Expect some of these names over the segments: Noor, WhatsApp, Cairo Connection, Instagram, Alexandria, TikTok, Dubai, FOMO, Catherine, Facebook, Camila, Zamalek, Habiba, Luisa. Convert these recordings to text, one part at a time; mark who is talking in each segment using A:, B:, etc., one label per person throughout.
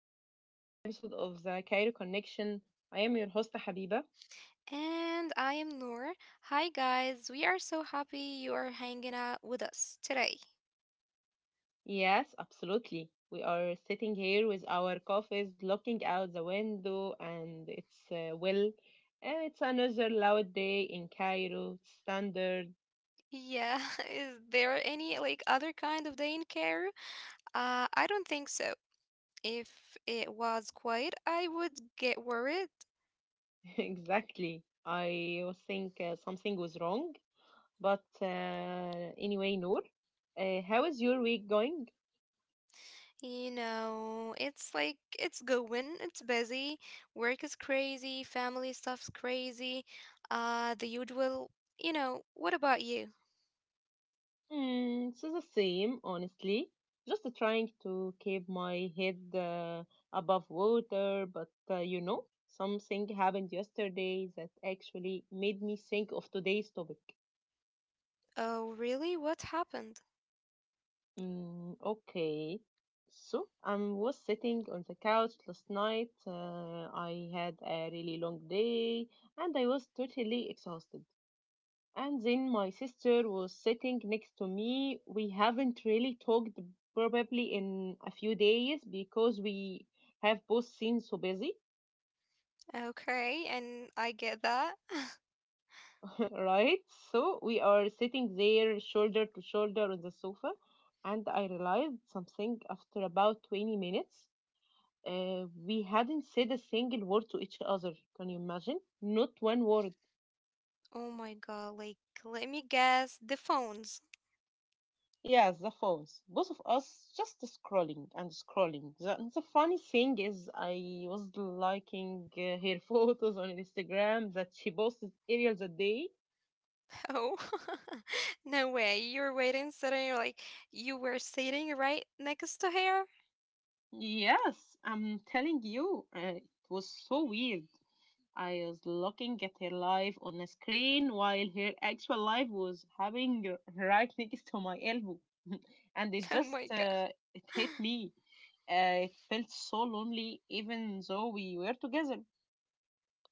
A: back to another episode of the Cairo Connection. I am your host Habiba.
B: And I am Noor. Hi, guys. We are so happy you are hanging out with us today.
A: Yes, absolutely. We are sitting here with our coffees, looking out the window, and it's well, it's another loud day in Cairo. Standard,
B: Yeah, is there any like other kind of day in care? I don't think so. If it was quiet, I would get worried.
A: exactly. I was think something was wrong, but anyway, Noor, how is your week going?
B: You know, it's like it's going, it's busy, work is crazy, family stuff's crazy, the usual. You know, what about you?
A: So the same, honestly. Just trying to keep my head above water, but something happened yesterday that actually made me think of today's topic.
B: Oh, really? What happened?
A: Mm, okay. So I was sitting on the couch last night. I had a really long day and I was totally exhausted. And then my sister was sitting next to me. We haven't really talked probably in a few days because we have both seen so busy,
B: Okay, and I get that.
A: right? So we are sitting there shoulder to shoulder on the sofa, and I realized something after about 20 minutes. We hadn't said a single word to each other. Can you imagine? Not one word.
B: Oh my god, like, let me guess, the phones.
A: Yes, the phones. Both of us just scrolling and scrolling. And the funny thing is, I was liking her photos on Instagram that she posted earlier the day.
B: Oh, no way. You're waiting, sitting, you're like, you were sitting right next to her?
A: Yes, I'm telling you, it was so weird. I was looking at her live on a screen while her actual live was happening right next to my elbow, and
B: Oh my god.
A: it hit me. It felt so lonely, even though we were together.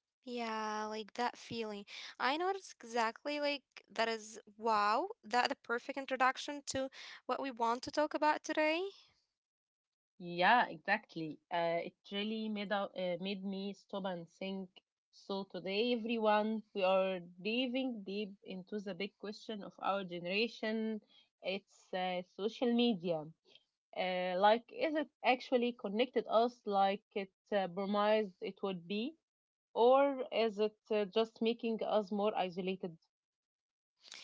B: Yeah, like that feeling. I noticed exactly like that is wow, that the perfect introduction to what we want to talk about today.
A: Yeah, exactly. It really made me stop and think. So today, everyone, we are diving deep into the big question of our generation. It's social media. Like, is it actually connected us like it promised it would be, or is it just making us more isolated?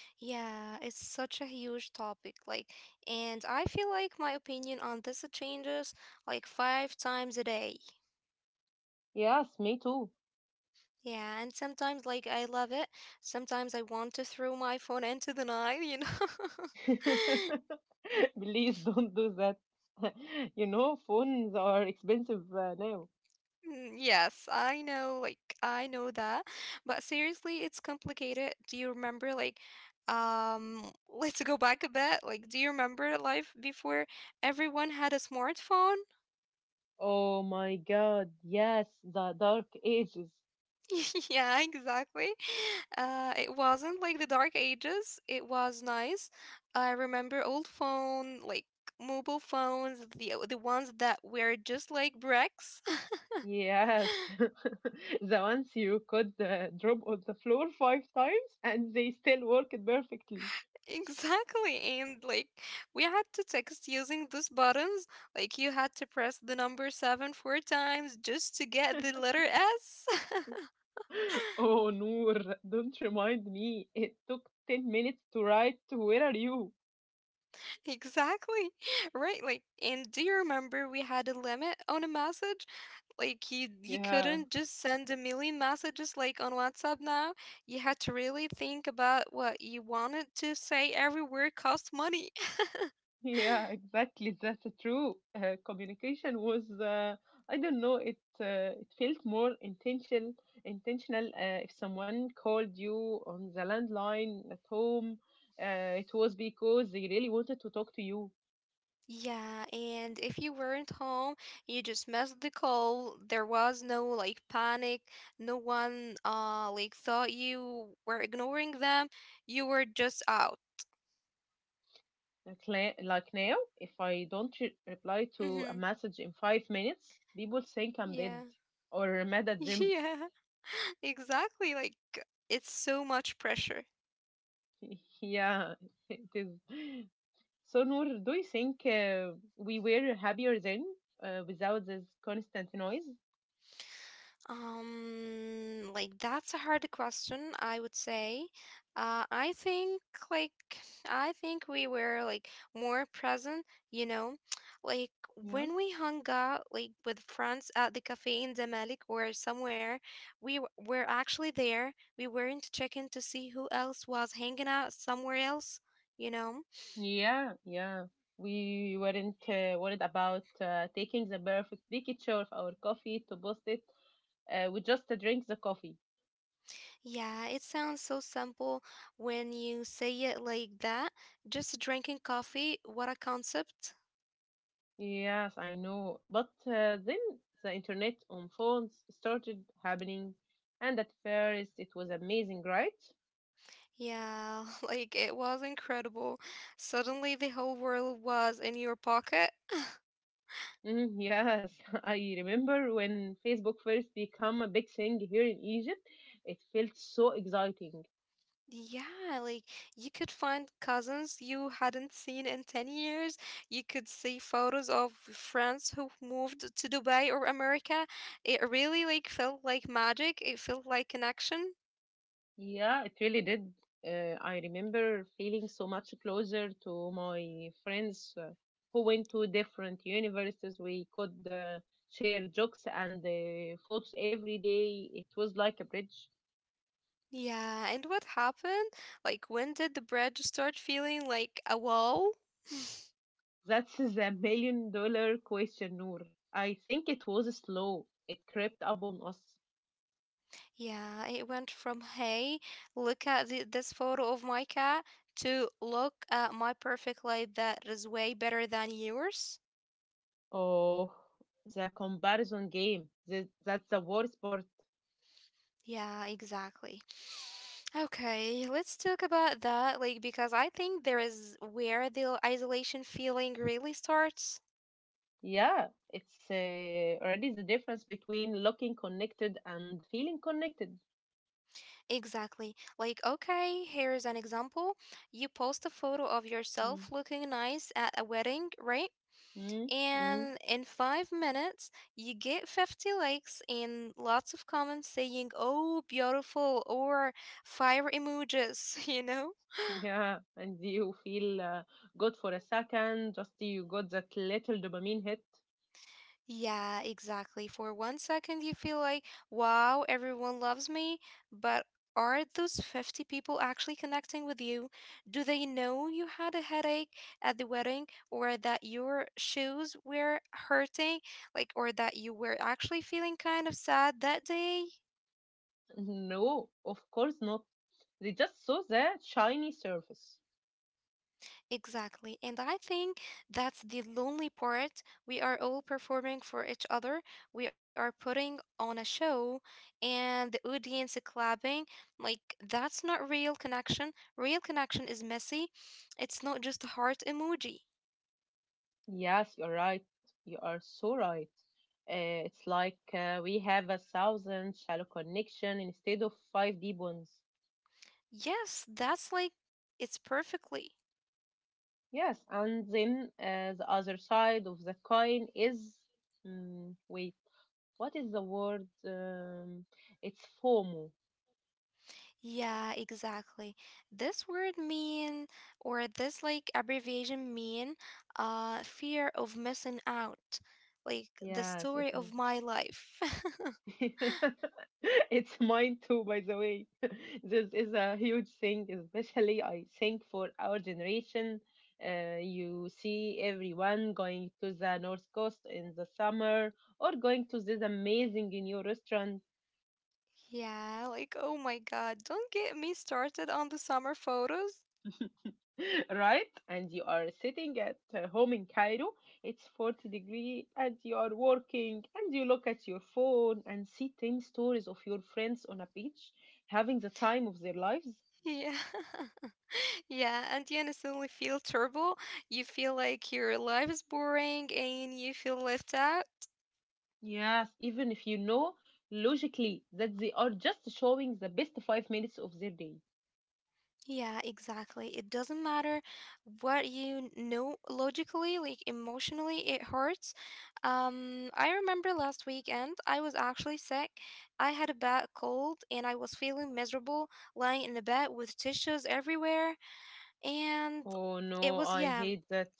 B: Yeah, it's such a huge topic, like, and I feel like my opinion on this changes like five times a day.
A: Yes, me too.
B: Yeah, and sometimes, like, I love it. Sometimes I want to throw my phone into the night, you know?
A: Please don't do that. Phones are expensive now.
B: Mm, yes, I know, like, I know that. But seriously, it's complicated. Do you remember, like, let's go back a bit. Like, do you remember life before everyone had a smartphone?
A: Oh my God, yes, the dark ages.
B: Yeah, exactly. It wasn't like the dark ages. It was nice. I remember old phone, like mobile phones, the ones that were just like bricks.
A: Yes, the ones you could drop on the floor five times and they still worked perfectly.
B: Exactly, and like we had to text using those buttons. Like you had to press the number 7 four times just to get the letter S.
A: Oh, Noor, don't remind me. It took 10 minutes to write to Where Are You?
B: Exactly. Right. Like, and do you remember we had a limit on a message? Like you
A: Yeah.
B: couldn't just send a million messages like on WhatsApp now. You had to really think about what you wanted to say. Every word cost money.
A: Yeah, exactly. That's true. Communication was, I don't know, it felt more intentional. Intentional. If someone called you on the landline at home, it was because they really wanted to talk to you.
B: Yeah, and if you weren't home, you just missed the call. There was no like panic. No one like thought you were ignoring them. You were just out.
A: Like, like now, if I don't reply to a
B: Mhm.
A: message in 5 minutes, people think I'm dead
B: Yeah.
A: or mad at them.
B: Yeah, exactly. Like it's so much pressure.
A: yeah, it is. So, Noor, do you think we were happier then without this constant noise?
B: Like that's a hard question, I would say. I think like I think we were like more present, you know, like
A: Yeah,
B: when we hung out like with friends at the cafe in Zamalek or somewhere, were actually there. We weren't checking to see who else was hanging out somewhere else, you know.
A: yeah, yeah. We weren't worried about taking the perfect picture of our coffee to post it. We just drink the coffee.
B: Yeah, it sounds so simple when you say it like that. Just drinking coffee, what a concept.
A: Yes, I know. But then the internet on phones started happening, and at first it was amazing, right?
B: Yeah, like it was incredible. Suddenly the whole world was in your pocket.
A: Mm, yes, I remember when Facebook first became a big thing here in Egypt, it felt so exciting.
B: Yeah, like you could find cousins you hadn't seen in 10 years. You could see photos of friends who moved to Dubai or America. It really like felt like magic. It felt like connection.
A: Yeah, it really did. I remember feeling so much closer to my friends who went to different universities. We could share jokes and photos every day. It was like a bridge.
B: Yeah, and what happened? Like, when did the bread start feeling like a wall?
A: That's the million dollar question, Noor. I think it was slow. It crept up on us.
B: Yeah, it went from, hey, look at this photo of my cat to look at my perfect life that is way better than yours.
A: Oh, the comparison game. That's the worst part.
B: Yeah, exactly. Okay, let's talk about that, like, because I think there is where the isolation feeling really starts.
A: Yeah, it's already the difference between looking connected and feeling connected.
B: Exactly. Like, okay, here is an example. You post a photo of
A: Mm.
B: yourself looking nice at a wedding, right?
A: Mm, mm,
B: And in 5 minutes, you get 50 likes and lots of comments saying, oh, beautiful, or fire emojis, you know?
A: yeah, and you feel good for a second, just you got that little dopamine hit.
B: Yeah, exactly. For one second, you feel like, wow, everyone loves me, but are those 50 people actually connecting with you? Do they know you had a headache at the wedding or that your shoes were hurting, like, or that you were actually feeling kind of sad that day?
A: No, of course not. They just saw the shiny surface.
B: Exactly. And I think that's the lonely part. We are all performing for each other. We are putting on a show and the audience clapping. Like, that's not real connection. Real connection is messy. It's not just a heart emoji.
A: Yes, you're right. You are so right. It's like we have a thousand shallow connection instead of five deep ones.
B: Yes, that's like, it's perfectly.
A: Yes, and then the other side of the coin is wait, what is the word? It's FOMO.
B: Yeah, exactly. This word mean or this like abbreviation mean fear of missing out. Like the
A: Yes, it
B: story
A: is.
B: of my life.
A: It's mine too, by the way. This is a huge thing, especially I think for our generation. You see everyone going to the north coast in the summer or going to this amazing new restaurant,
B: Yeah, like oh my God, don't get me started on the summer photos.
A: right? And you are sitting at home in Cairo. It's 40 degree and you are working and you look at your phone and see 10 stories of your friends on a beach having the time of their lives.
B: Yeah. Yeah, and you instantly feel terrible. You feel like your life is boring and you feel left out.
A: Yes, even if you know logically that they are just showing the best 5 minutes of their day.
B: Yeah, exactly. It doesn't matter what you know logically, like emotionally, it hurts. I remember last weekend, I was actually sick. I had a bad cold and I was feeling miserable, lying in the bed with tissues everywhere. And
A: Oh
B: it
A: no,
B: was,
A: I
B: yeah,
A: hate that.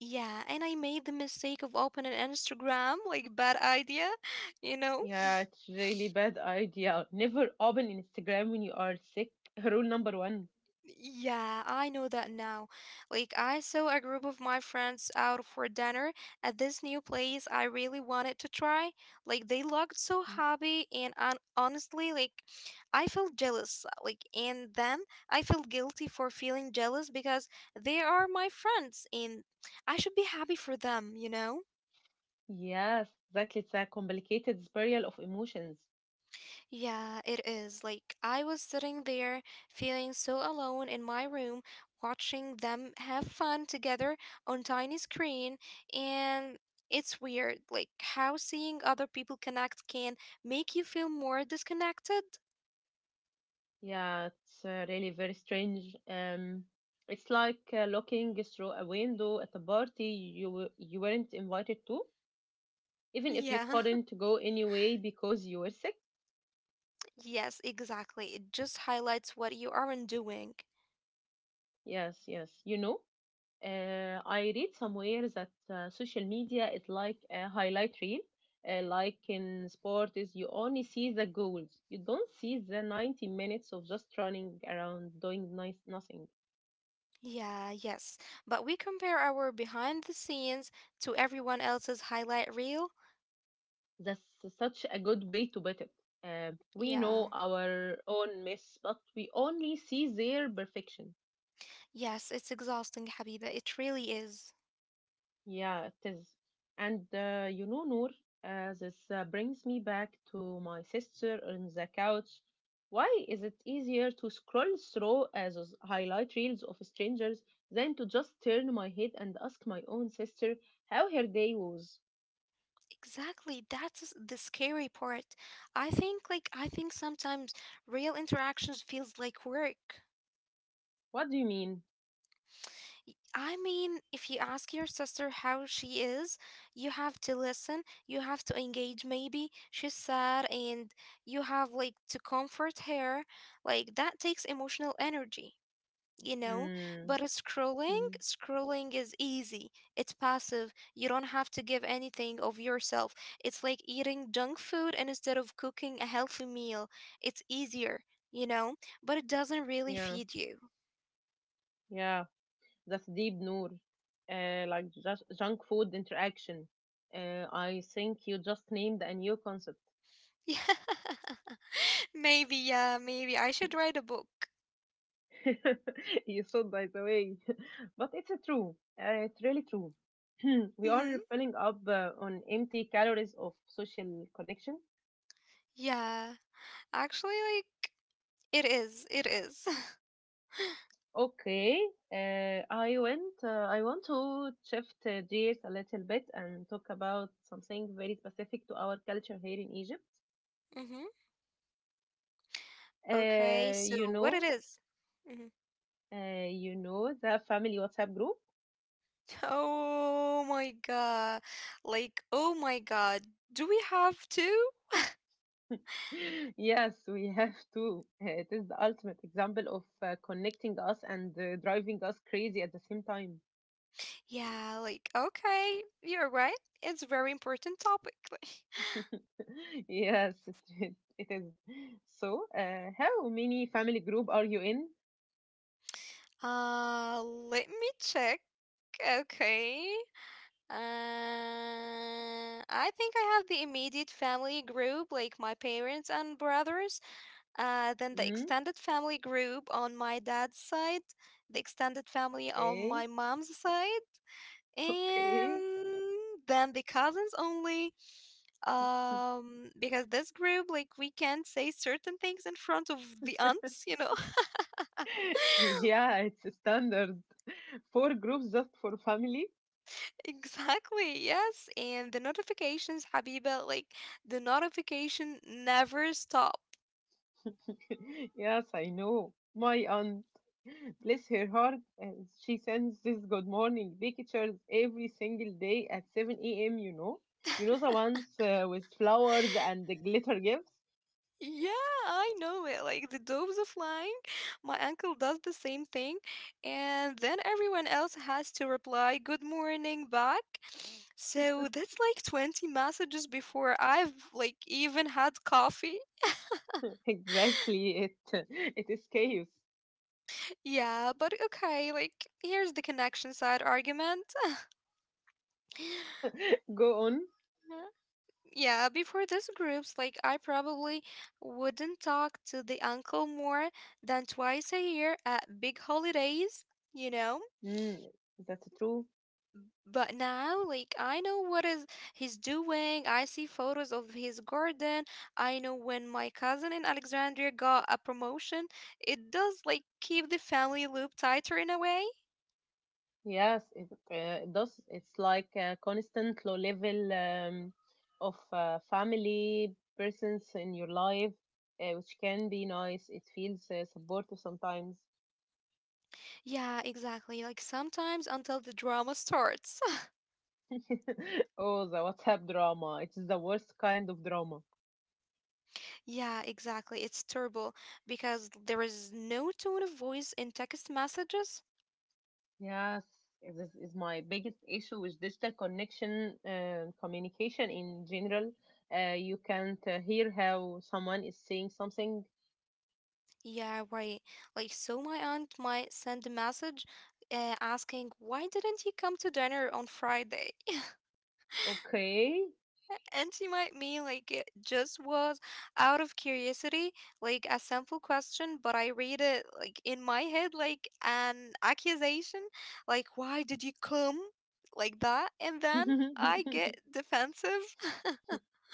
B: yeah. And I made the mistake of opening Instagram, like, bad idea, you know,
A: Yeah, it's really bad idea. Never open Instagram when you are sick. Rule number one.
B: yeah, I know that now. Like, I saw a group of my friends out for dinner at this new place I really wanted to try. Like, they looked so happy, and un honestly, like, I felt jealous. Like, and then I felt guilty for feeling jealous because they are my friends and I should be happy for them, you know?
A: Yes, that it's a complicated spiral of emotions.
B: Yeah, it is. Like, I was sitting there feeling so alone in my room, watching them have fun together on tiny screen, and it's weird, like, how seeing other people connect can make you feel more disconnected.
A: Yeah, it's really very strange. It's like looking through a window at a party you weren't invited to, even if you
B: Yeah,
A: couldn't go anyway because you were sick.
B: yes, exactly. It just highlights what you aren't doing.
A: Yes, yes. I read somewhere that social media is like a highlight reel. Like in sport, is you only see the goals. You don't see the 90 minutes of just running around doing nice nothing.
B: Yeah, yes. But we compare our behind the scenes to everyone else's highlight reel.
A: That's such a good way to put it. We
B: Yeah.
A: know our own mess, but we only see their perfection.
B: Yes, it's exhausting, Habiba. It really is.
A: Yeah, it is. And Noor, this brings me back to my sister on the couch. Why is it easier to scroll through those highlight reels of strangers than to just turn my head and ask my own sister how her day was?
B: Exactly. That's the scary part. I think like I think sometimes real interactions feels like work.
A: What do you mean?
B: I mean, if you ask your sister how she is, you have to listen, you have to engage maybe. She's sad and you have like to comfort her. Like that takes emotional energy. You know,
A: Mm,
B: but scrolling
A: mm,
B: scrolling is easy, it's passive, you don't have to give anything of yourself. It's like eating junk food instead of cooking a healthy meal, it's easier, you know, but it doesn't really
A: yeah,
B: feed you.
A: yeah, that's deep, Noor. Like just junk food interaction. I think you just named a new concept.
B: Yeah, maybe, yeah, maybe I should write a book.
A: you should, by the way. But it's a true. It's really true. We
B: Mm-hmm.
A: are filling up on empty calories of social connection.
B: Yeah, actually like it is it is.
A: Okay, I went. I want to shift gears a little bit and talk about something very specific to our culture here in Egypt.
B: Mm-hmm. Okay,
A: Uh,
B: so
A: you
B: what it
A: know,
B: is? Mm-hmm.
A: you know the family WhatsApp group.
B: Oh my god. Like, oh my god. Do we have to?
A: Yes, we have to. It is the ultimate example of connecting us and driving us crazy at the same time.
B: Yeah, like, okay, you're right. It's a very important topic.
A: Yes, it is. So, how many family group are you in?
B: Let me check. Okay. I think I have the immediate family group, like my parents and brothers. Then the
A: Mm,
B: extended family group on my dad's side, the extended family on
A: okay,
B: my mom's side. And
A: okay.
B: then the cousins only, um, because this group like we can't say certain things in front of the aunts, you know.
A: Yeah, it's a standard. Four groups just for family.
B: Exactly, yes, and the notifications, Habiba, like the notification never stop.
A: Yes, I know. My aunt, bless her heart, uh, she sends this good morning pictures every single day at 7 a.m.. You know the ones with flowers and the glitter gifts?
B: Yeah, I know it. Like the doves are flying. My uncle does the same thing. And then everyone else has to reply, good morning back. So that's like 20 messages before I've like even had coffee.
A: Exactly, it is chaos.
B: Yeah, but okay, like here's the connection side argument.
A: Go on.
B: Yeah, before this groups, like I probably wouldn't talk to the uncle more than twice a year at big holidays, you know?
A: Mm, that's true.
B: But now, like, I know what is he's doing. I see photos of his garden. I know when my cousin in Alexandria got a promotion. It does like keep the family loop tighter in a way.
A: Yes, it does. It's like a constant low level of family presence in your life, which can be nice. It feels supportive sometimes.
B: Yeah, exactly. Like sometimes until the drama starts.
A: Oh, the WhatsApp drama. It's the worst kind of drama.
B: Yeah, exactly. It's terrible because there is no tone of voice in text messages.
A: Yes, this is my biggest issue with digital connection and communication in general. You can't hear how someone is saying something.
B: Yeah, right. Like, so my aunt might send a message asking, why didn't you come to dinner on Friday?
A: Okay.
B: And she might mean, like, it just was out of curiosity, like a simple question, but I read it, like, in my head, like an accusation, like, why did you come? Like that. And then I get defensive.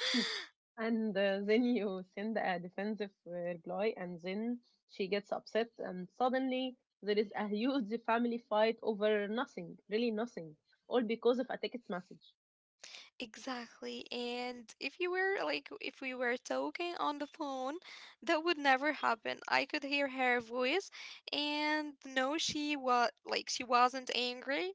A: And then you send a defensive reply, and then she gets upset, and suddenly there is a huge family fight over nothing, really nothing, all because of a text message.
B: Exactly. And if you were like, if we were talking on the phone, that would never happen. I could hear her voice and no, she was like, she wasn't angry.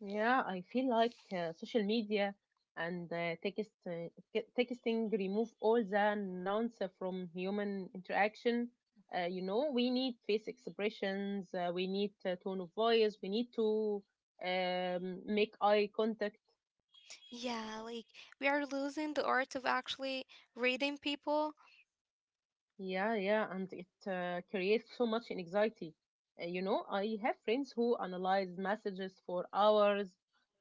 A: Yeah, I feel like social media and texting remove all the nouns from human interaction. We need face expressions, we need tone of voice, we need to make eye contact.
B: Yeah, like we are losing the art of actually reading people.
A: Yeah, yeah, and it creates so much anxiety. I have friends who analyze messages for hours.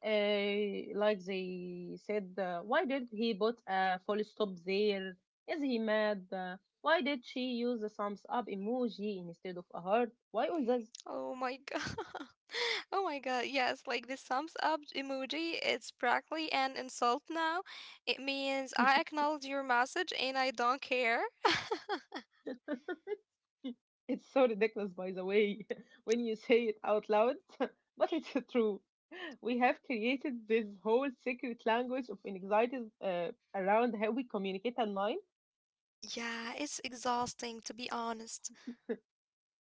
A: Like they said, why did he put a full stop there? Is he mad? Why did she use a thumbs up emoji instead of a heart? Why all that?
B: Oh my God. Oh my God. Yes, like the thumbs up emoji, it's practically an insult now. It means I acknowledge your message and I don't care.
A: It's so ridiculous, by the way, when you say it out loud, but it's true. We have created this whole secret language of anxiety uh, around how we communicate online.
B: Yeah, it's exhausting to be honest.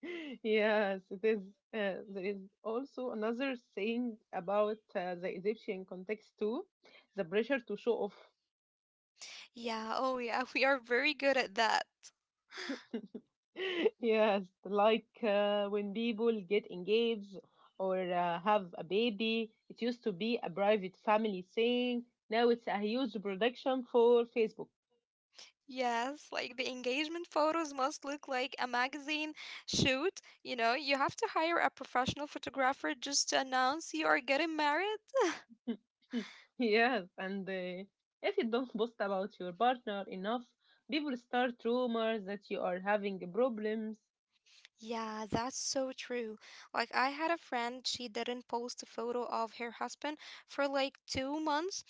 A: Yes, it is. There is also another saying about the Egyptian context too, the pressure to show
B: Yeah, oh yeah, we are very good at that.
A: Yes, like when people get engaged or have a baby, it used to be a private family thing. Now it's a huge production for Facebook.
B: Yes, like the engagement photos must look like a magazine shoot. You know, you have to hire a professional photographer just to announce you are getting married.
A: Yes, and if you don't post about your partner enough, people start rumors that you are having problems.
B: Yeah, that's so true. Like, I had a friend, she didn't post a photo of her husband for like 2 months.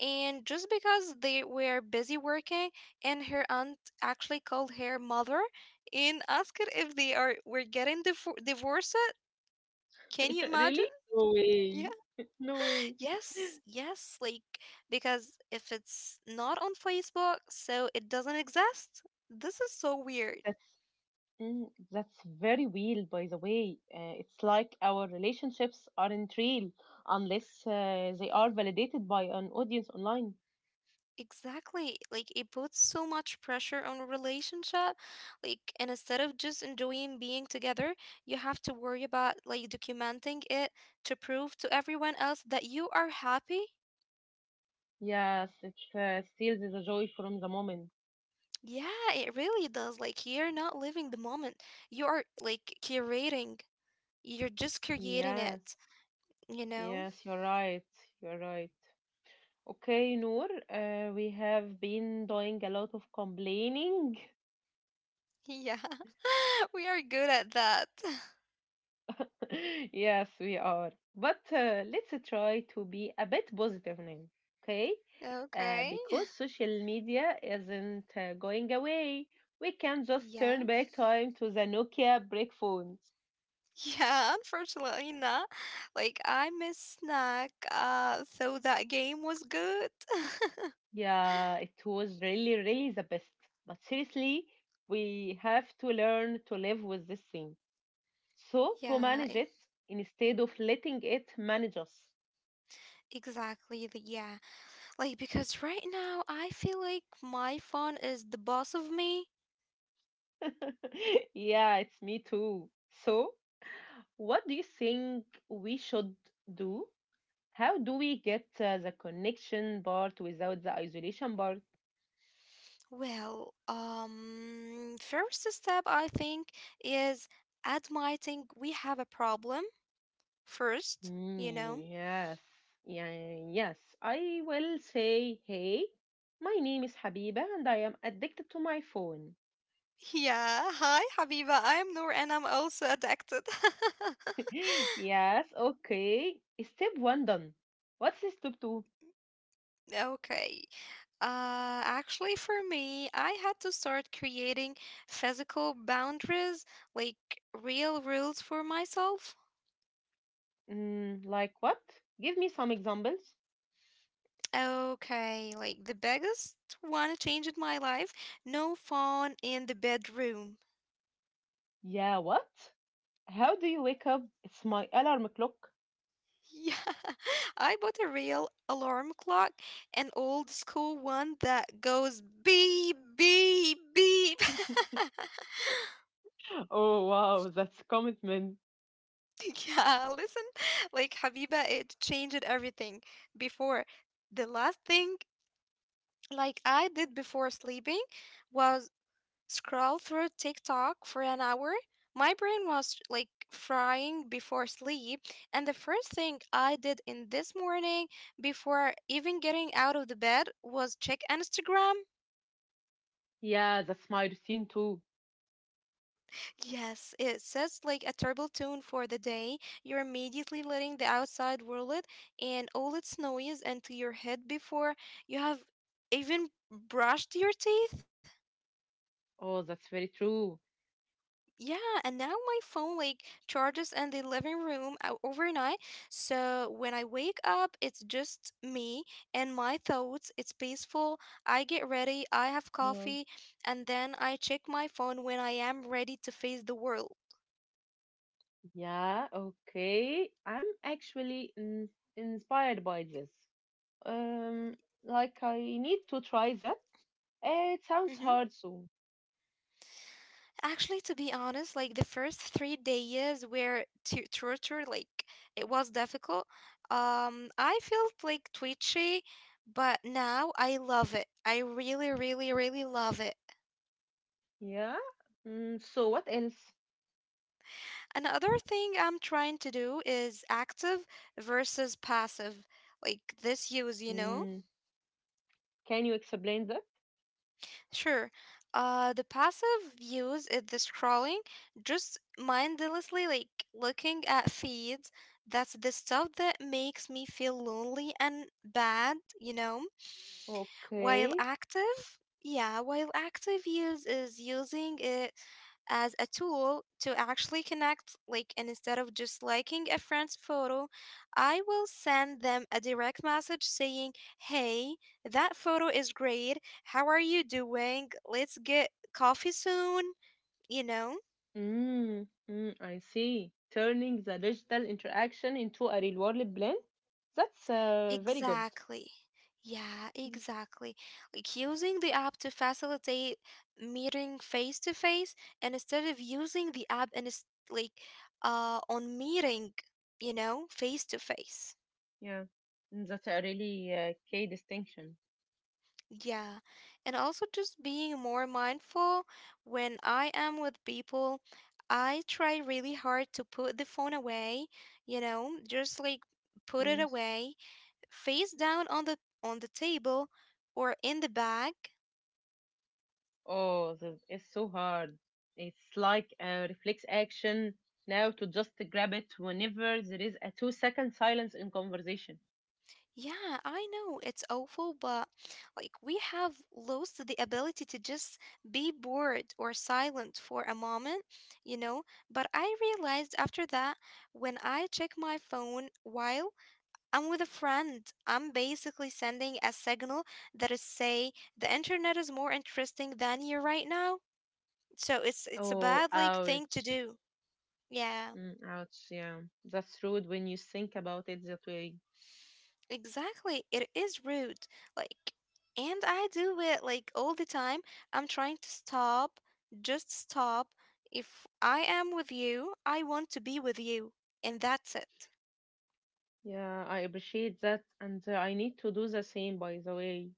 B: And just because they were busy working, and her aunt actually called her mother and asked her if they are were getting divorced. Can you imagine?
A: Really? No
B: Yeah.
A: way. No way.
B: Yes. Yes. Like, because if it's not on Facebook, so it doesn't exist. This is so weird.
A: That's Mm, that's very real, by the way. It's like our relationships aren't real unless they are validated by an audience online.
B: Exactly. Like, it puts so much pressure on relationship. Like, and instead of just enjoying being together, you have to worry about like documenting it to prove to everyone else that you are happy.
A: Yes, it steals the joy from the moment.
B: Yeah, it really does. Like, you're not living the moment. You are like curating. You're just creating
A: Yes,
B: it, you know?
A: yes, you're right. You're right. Okay, Noor, we have been doing a lot of complaining
B: Yeah, we are good at that.
A: Yes, we are. But let's try to be a bit positive now, okay?
B: Okay.
A: Because social media isn't going away. We can just
B: Yeah.
A: turn back time to the Nokia brick phones.
B: Yeah, unfortunately not. Like I miss snack, so that game was good.
A: Yeah, it was really, really the best. But seriously, we have to learn to live with this thing. So, to
B: Yeah,
A: manage it instead of letting it manage us.
B: exactly. Yeah. Like because right now I feel like my phone is the boss of me.
A: Yeah, it's me too. So, what do you think we should do? How do we get the connection part without the isolation part?
B: Well, first step I think is admitting we have a problem first, you know?
A: Yes, yeah, yes. I will say, hey, my name is Habiba and I am addicted to my phone.
B: Yeah, hi Habiba. I'm Noor and I'm also addicted.
A: Yes, okay. Step one done. What's step two?
B: Okay. Actually, for me, I had to start creating physical boundaries, like real rules for myself.
A: Mm, like what? Give me some examples.
B: Okay, like the biggest one change in my life, no phone in the bedroom.
A: Yeah, what? How do you wake up? It's my alarm clock.
B: Yeah, I bought a real alarm clock, an old school one that goes beep, beep, beep.
A: Oh wow, that's commitment.
B: Yeah, listen, like Habiba, it changed everything. Before, the last thing like I did before sleeping was scroll through TikTok for an hour. My brain was like frying before sleep, and the first thing I did in this morning before even getting out of the bed was check Instagram.
A: Yeah, that's my routine too.
B: Yes, it sets like a terrible tone for the day. You're immediately letting the outside world and all its noise into your head before you have even brushed your teeth.
A: Oh, that's very true.
B: Yeah, and now my phone like charges in the living room overnight. So when I wake up, it's just me and my thoughts. It's peaceful. I get ready, I have
A: Yeah.
B: coffee, and then I check my phone when I am ready to face the world.
A: Yeah, okay. I'm actually in inspired by this. Um, like I need to try that. It sounds
B: Mm-hmm.
A: hard, so
B: Actually, to be honest, like the first 3 days were torture. Like it was difficult. I felt like twitchy, but now I love it. I really, really, really love it.
A: yeah. Mm, so what else?
B: Another thing I'm trying to do is active versus passive, like this use.
A: Mm, can you explain that?
B: Sure. The passive views is the scrolling, just mindlessly like looking at feeds. That's the stuff that makes me feel lonely and bad, you know? While
A: Okay.
B: active, yeah, while active use is using it as a tool to actually connect. Like, and instead of just liking a friend's photo, I will send them a direct message saying, "Hey, that photo is great. How are you doing? Let's get coffee soon, you know?"
A: Mm, mm, I see. Turning the digital interaction into a real-world plan. That's very good.
B: Exactly. Yeah, exactly. Like using the app to facilitate meeting face to face and instead of using the app and it's like on meeting, you know, face to face.
A: Yeah, mm, that's a really key distinction.
B: Yeah. And also just being more mindful when I am with people, I try really hard to put the phone away, you know, just like put it
A: Yes.
B: away, face down on the table or in the bag.
A: Oh, the, it's so hard. It's like a reflex action now to just grab it whenever there is a 2 second silence in conversation.
B: Yeah, I know it's awful, but like we have lost the ability to just be bored or silent for a moment, you know. But I realized after that, when I check my phone while I'm with a friend, I'm basically sending a signal that is say the internet is more interesting than you right now. So it's a
A: Oh,
B: bad like thing to
A: ouch.
B: do. Yeah.
A: Mm, ouch, yeah. That's rude when you think about it that way.
B: Exactly. It is rude. Like, and I do it like all the time. I'm trying to stop, just stop. If I am with you, I want to be with you, and that's it.
A: Yeah, I appreciate that, and I need to do the same, by the way.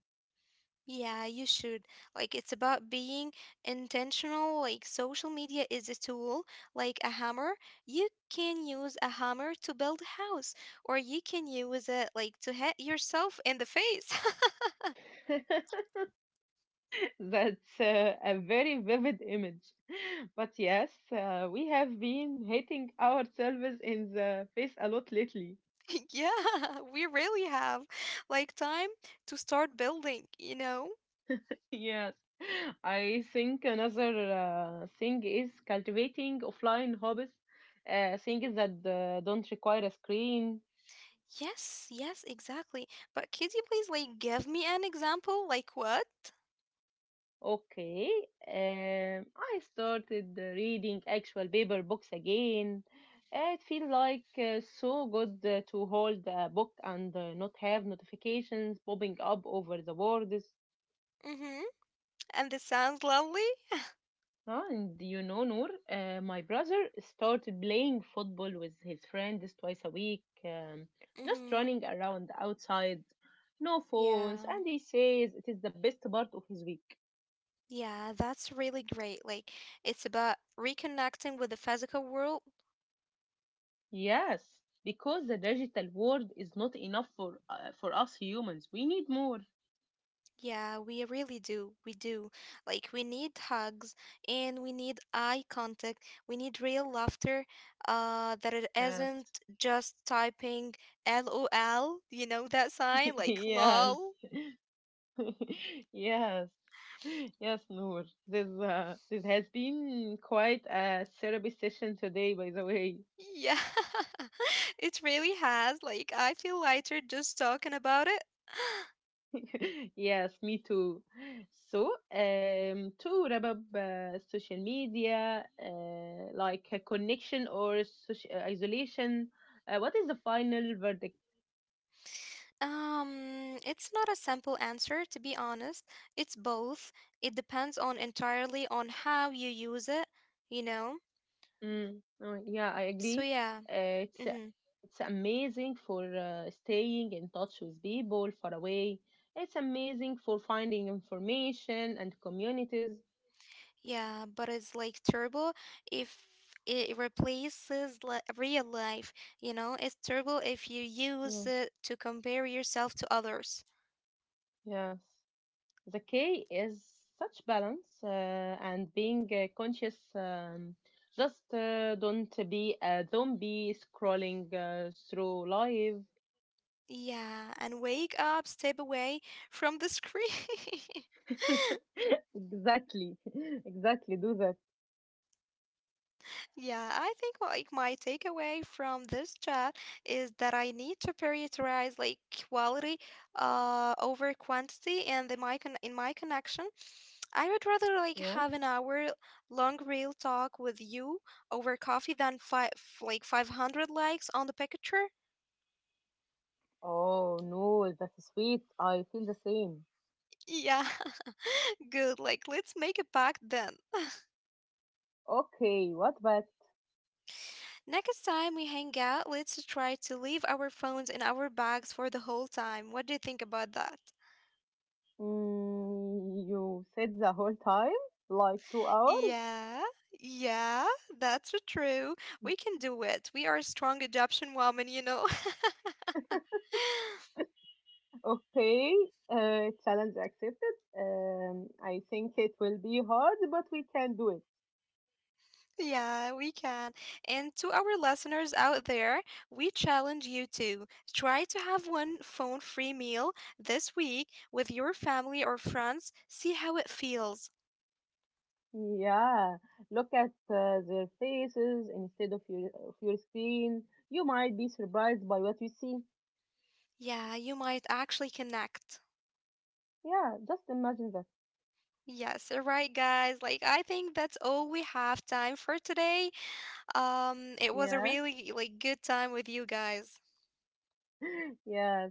B: Yeah, you should. Like, it's about being intentional. Like, social media is a tool, like a hammer. You can use a hammer to build a house, or you can use it like to hit yourself in the face.
A: That's a very vivid image. But yes, we have been hating ourselves in the face a lot lately.
B: yeah, we really have like time to start building.
A: Yes. I think another thing is cultivating offline hobbies, things that don't require a screen.
B: Yes, yes, exactly. But could you please like give me an example? Like what?
A: Okay, I started reading actual paper books again. It feel like so good to hold a book and not have notifications popping up over the words.
B: Mm-hmm. And this sounds lovely?
A: Ah, and you know, Noor, my brother started playing football with his friends twice a week, just
B: Mm-hmm.
A: running around outside, no
B: Yeah.
A: phones, and he says it is the best part of his week.
B: Yeah, that's really great. Like it's about reconnecting with the physical world.
A: Yes, because the digital world is not enough for us humans. We need more.
B: Yeah, we really do. We do. Like, we need hugs and we need eye contact. We need real laughter, that it isn't
A: Yes.
B: just typing LOL, you know, that sign, like
A: Yes.
B: lol.
A: Yes. Yes, Noor. This has been quite a therapy session today, by the way.
B: Yeah, it really has. Like, I feel lighter just talking about it.
A: Yes, me too. So, to wrap up social media, like a connection or isolation, what is the final verdict?
B: It's not a simple answer, to be honest. It's both. It depends on entirely on how you use it, you know?
A: Mm, no, yeah, I
B: So,
A: agree.
B: yeah.
A: Uh, it's uh,
B: Mm-hmm.
A: it's amazing for staying in touch with people far away. It's amazing for finding information and communities.
B: Yeah, but it's like turbo if it replaces li real life, you know? It's turbo if you
A: Yeah,
B: use it to compare yourself to others.
A: yes. The key is such balance and being conscious. Just don't be a zombie scrolling through life.
B: Yeah, and wake up, step away from the screen.
A: Exactly, exactly. Do that.
B: Yeah, I think like my takeaway from this chat is that I need to prioritize like quality over quantity and the my con in my connection I would rather like
A: Yeah.
B: have an hour long real talk with you over coffee than five like 500 likes on the picture.
A: Oh no, that's sweet. I feel the same.
B: Yeah, good. Like let's make a pact then.
A: Okay, what but?
B: Next time we hang out, let's try to leave our phones in our bags for the whole time. What do you think about that?
A: Mm, you said the whole time? Like 2 hours?
B: Yeah. Yeah, that's true. We can do it. We are strong adoption woman, you know.
A: Okay, challenge accepted. I think it will be hard, but we can do it.
B: Yeah, we can. And to our listeners out there, we challenge you to try to have one phone free meal this week with your family or friends. See how it feels.
A: Yeah, look at their faces instead of your screen. You might be surprised by what you see.
B: Yeah, you might actually connect.
A: Yeah, just imagine that.
B: Yes, all right, guys. Like, I think that's all we have time for today. It was a
A: Yeah.
B: really like good time with you guys.
A: Yes.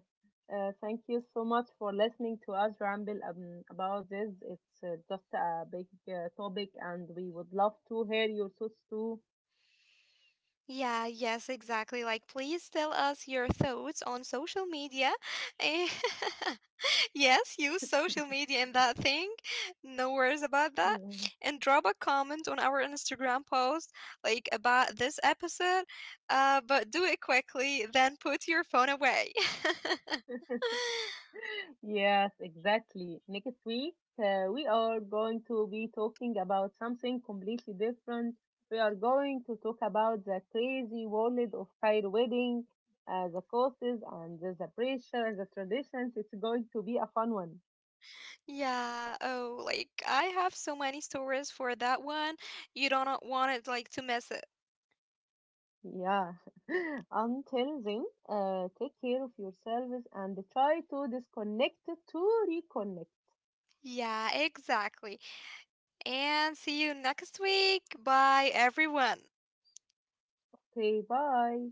A: Thank you so much for listening to us ramble about this. It's just a big topic, and we would love to hear your thoughts too.
B: Yeah, yes, exactly. Like, please tell us your thoughts on social media. And yes, use social media in that thing. No worries about that.
A: Yeah.
B: And drop a comment on our Instagram post, like about this episode. But do it quickly, then put your phone away.
A: Yes, exactly. Next week, we are going to be talking about something completely different. We are going to talk about the crazy world of Cairo wedding, the costs and the pressure, the traditions. It's going to be a fun one.
B: yeah. Oh, like I have so many stories for that one. You don't want it like to miss it.
A: Yeah. Until then, take care of yourselves and try to disconnect to reconnect.
B: Yeah, exactly. And see you next week. Bye, everyone.
A: Okay, bye.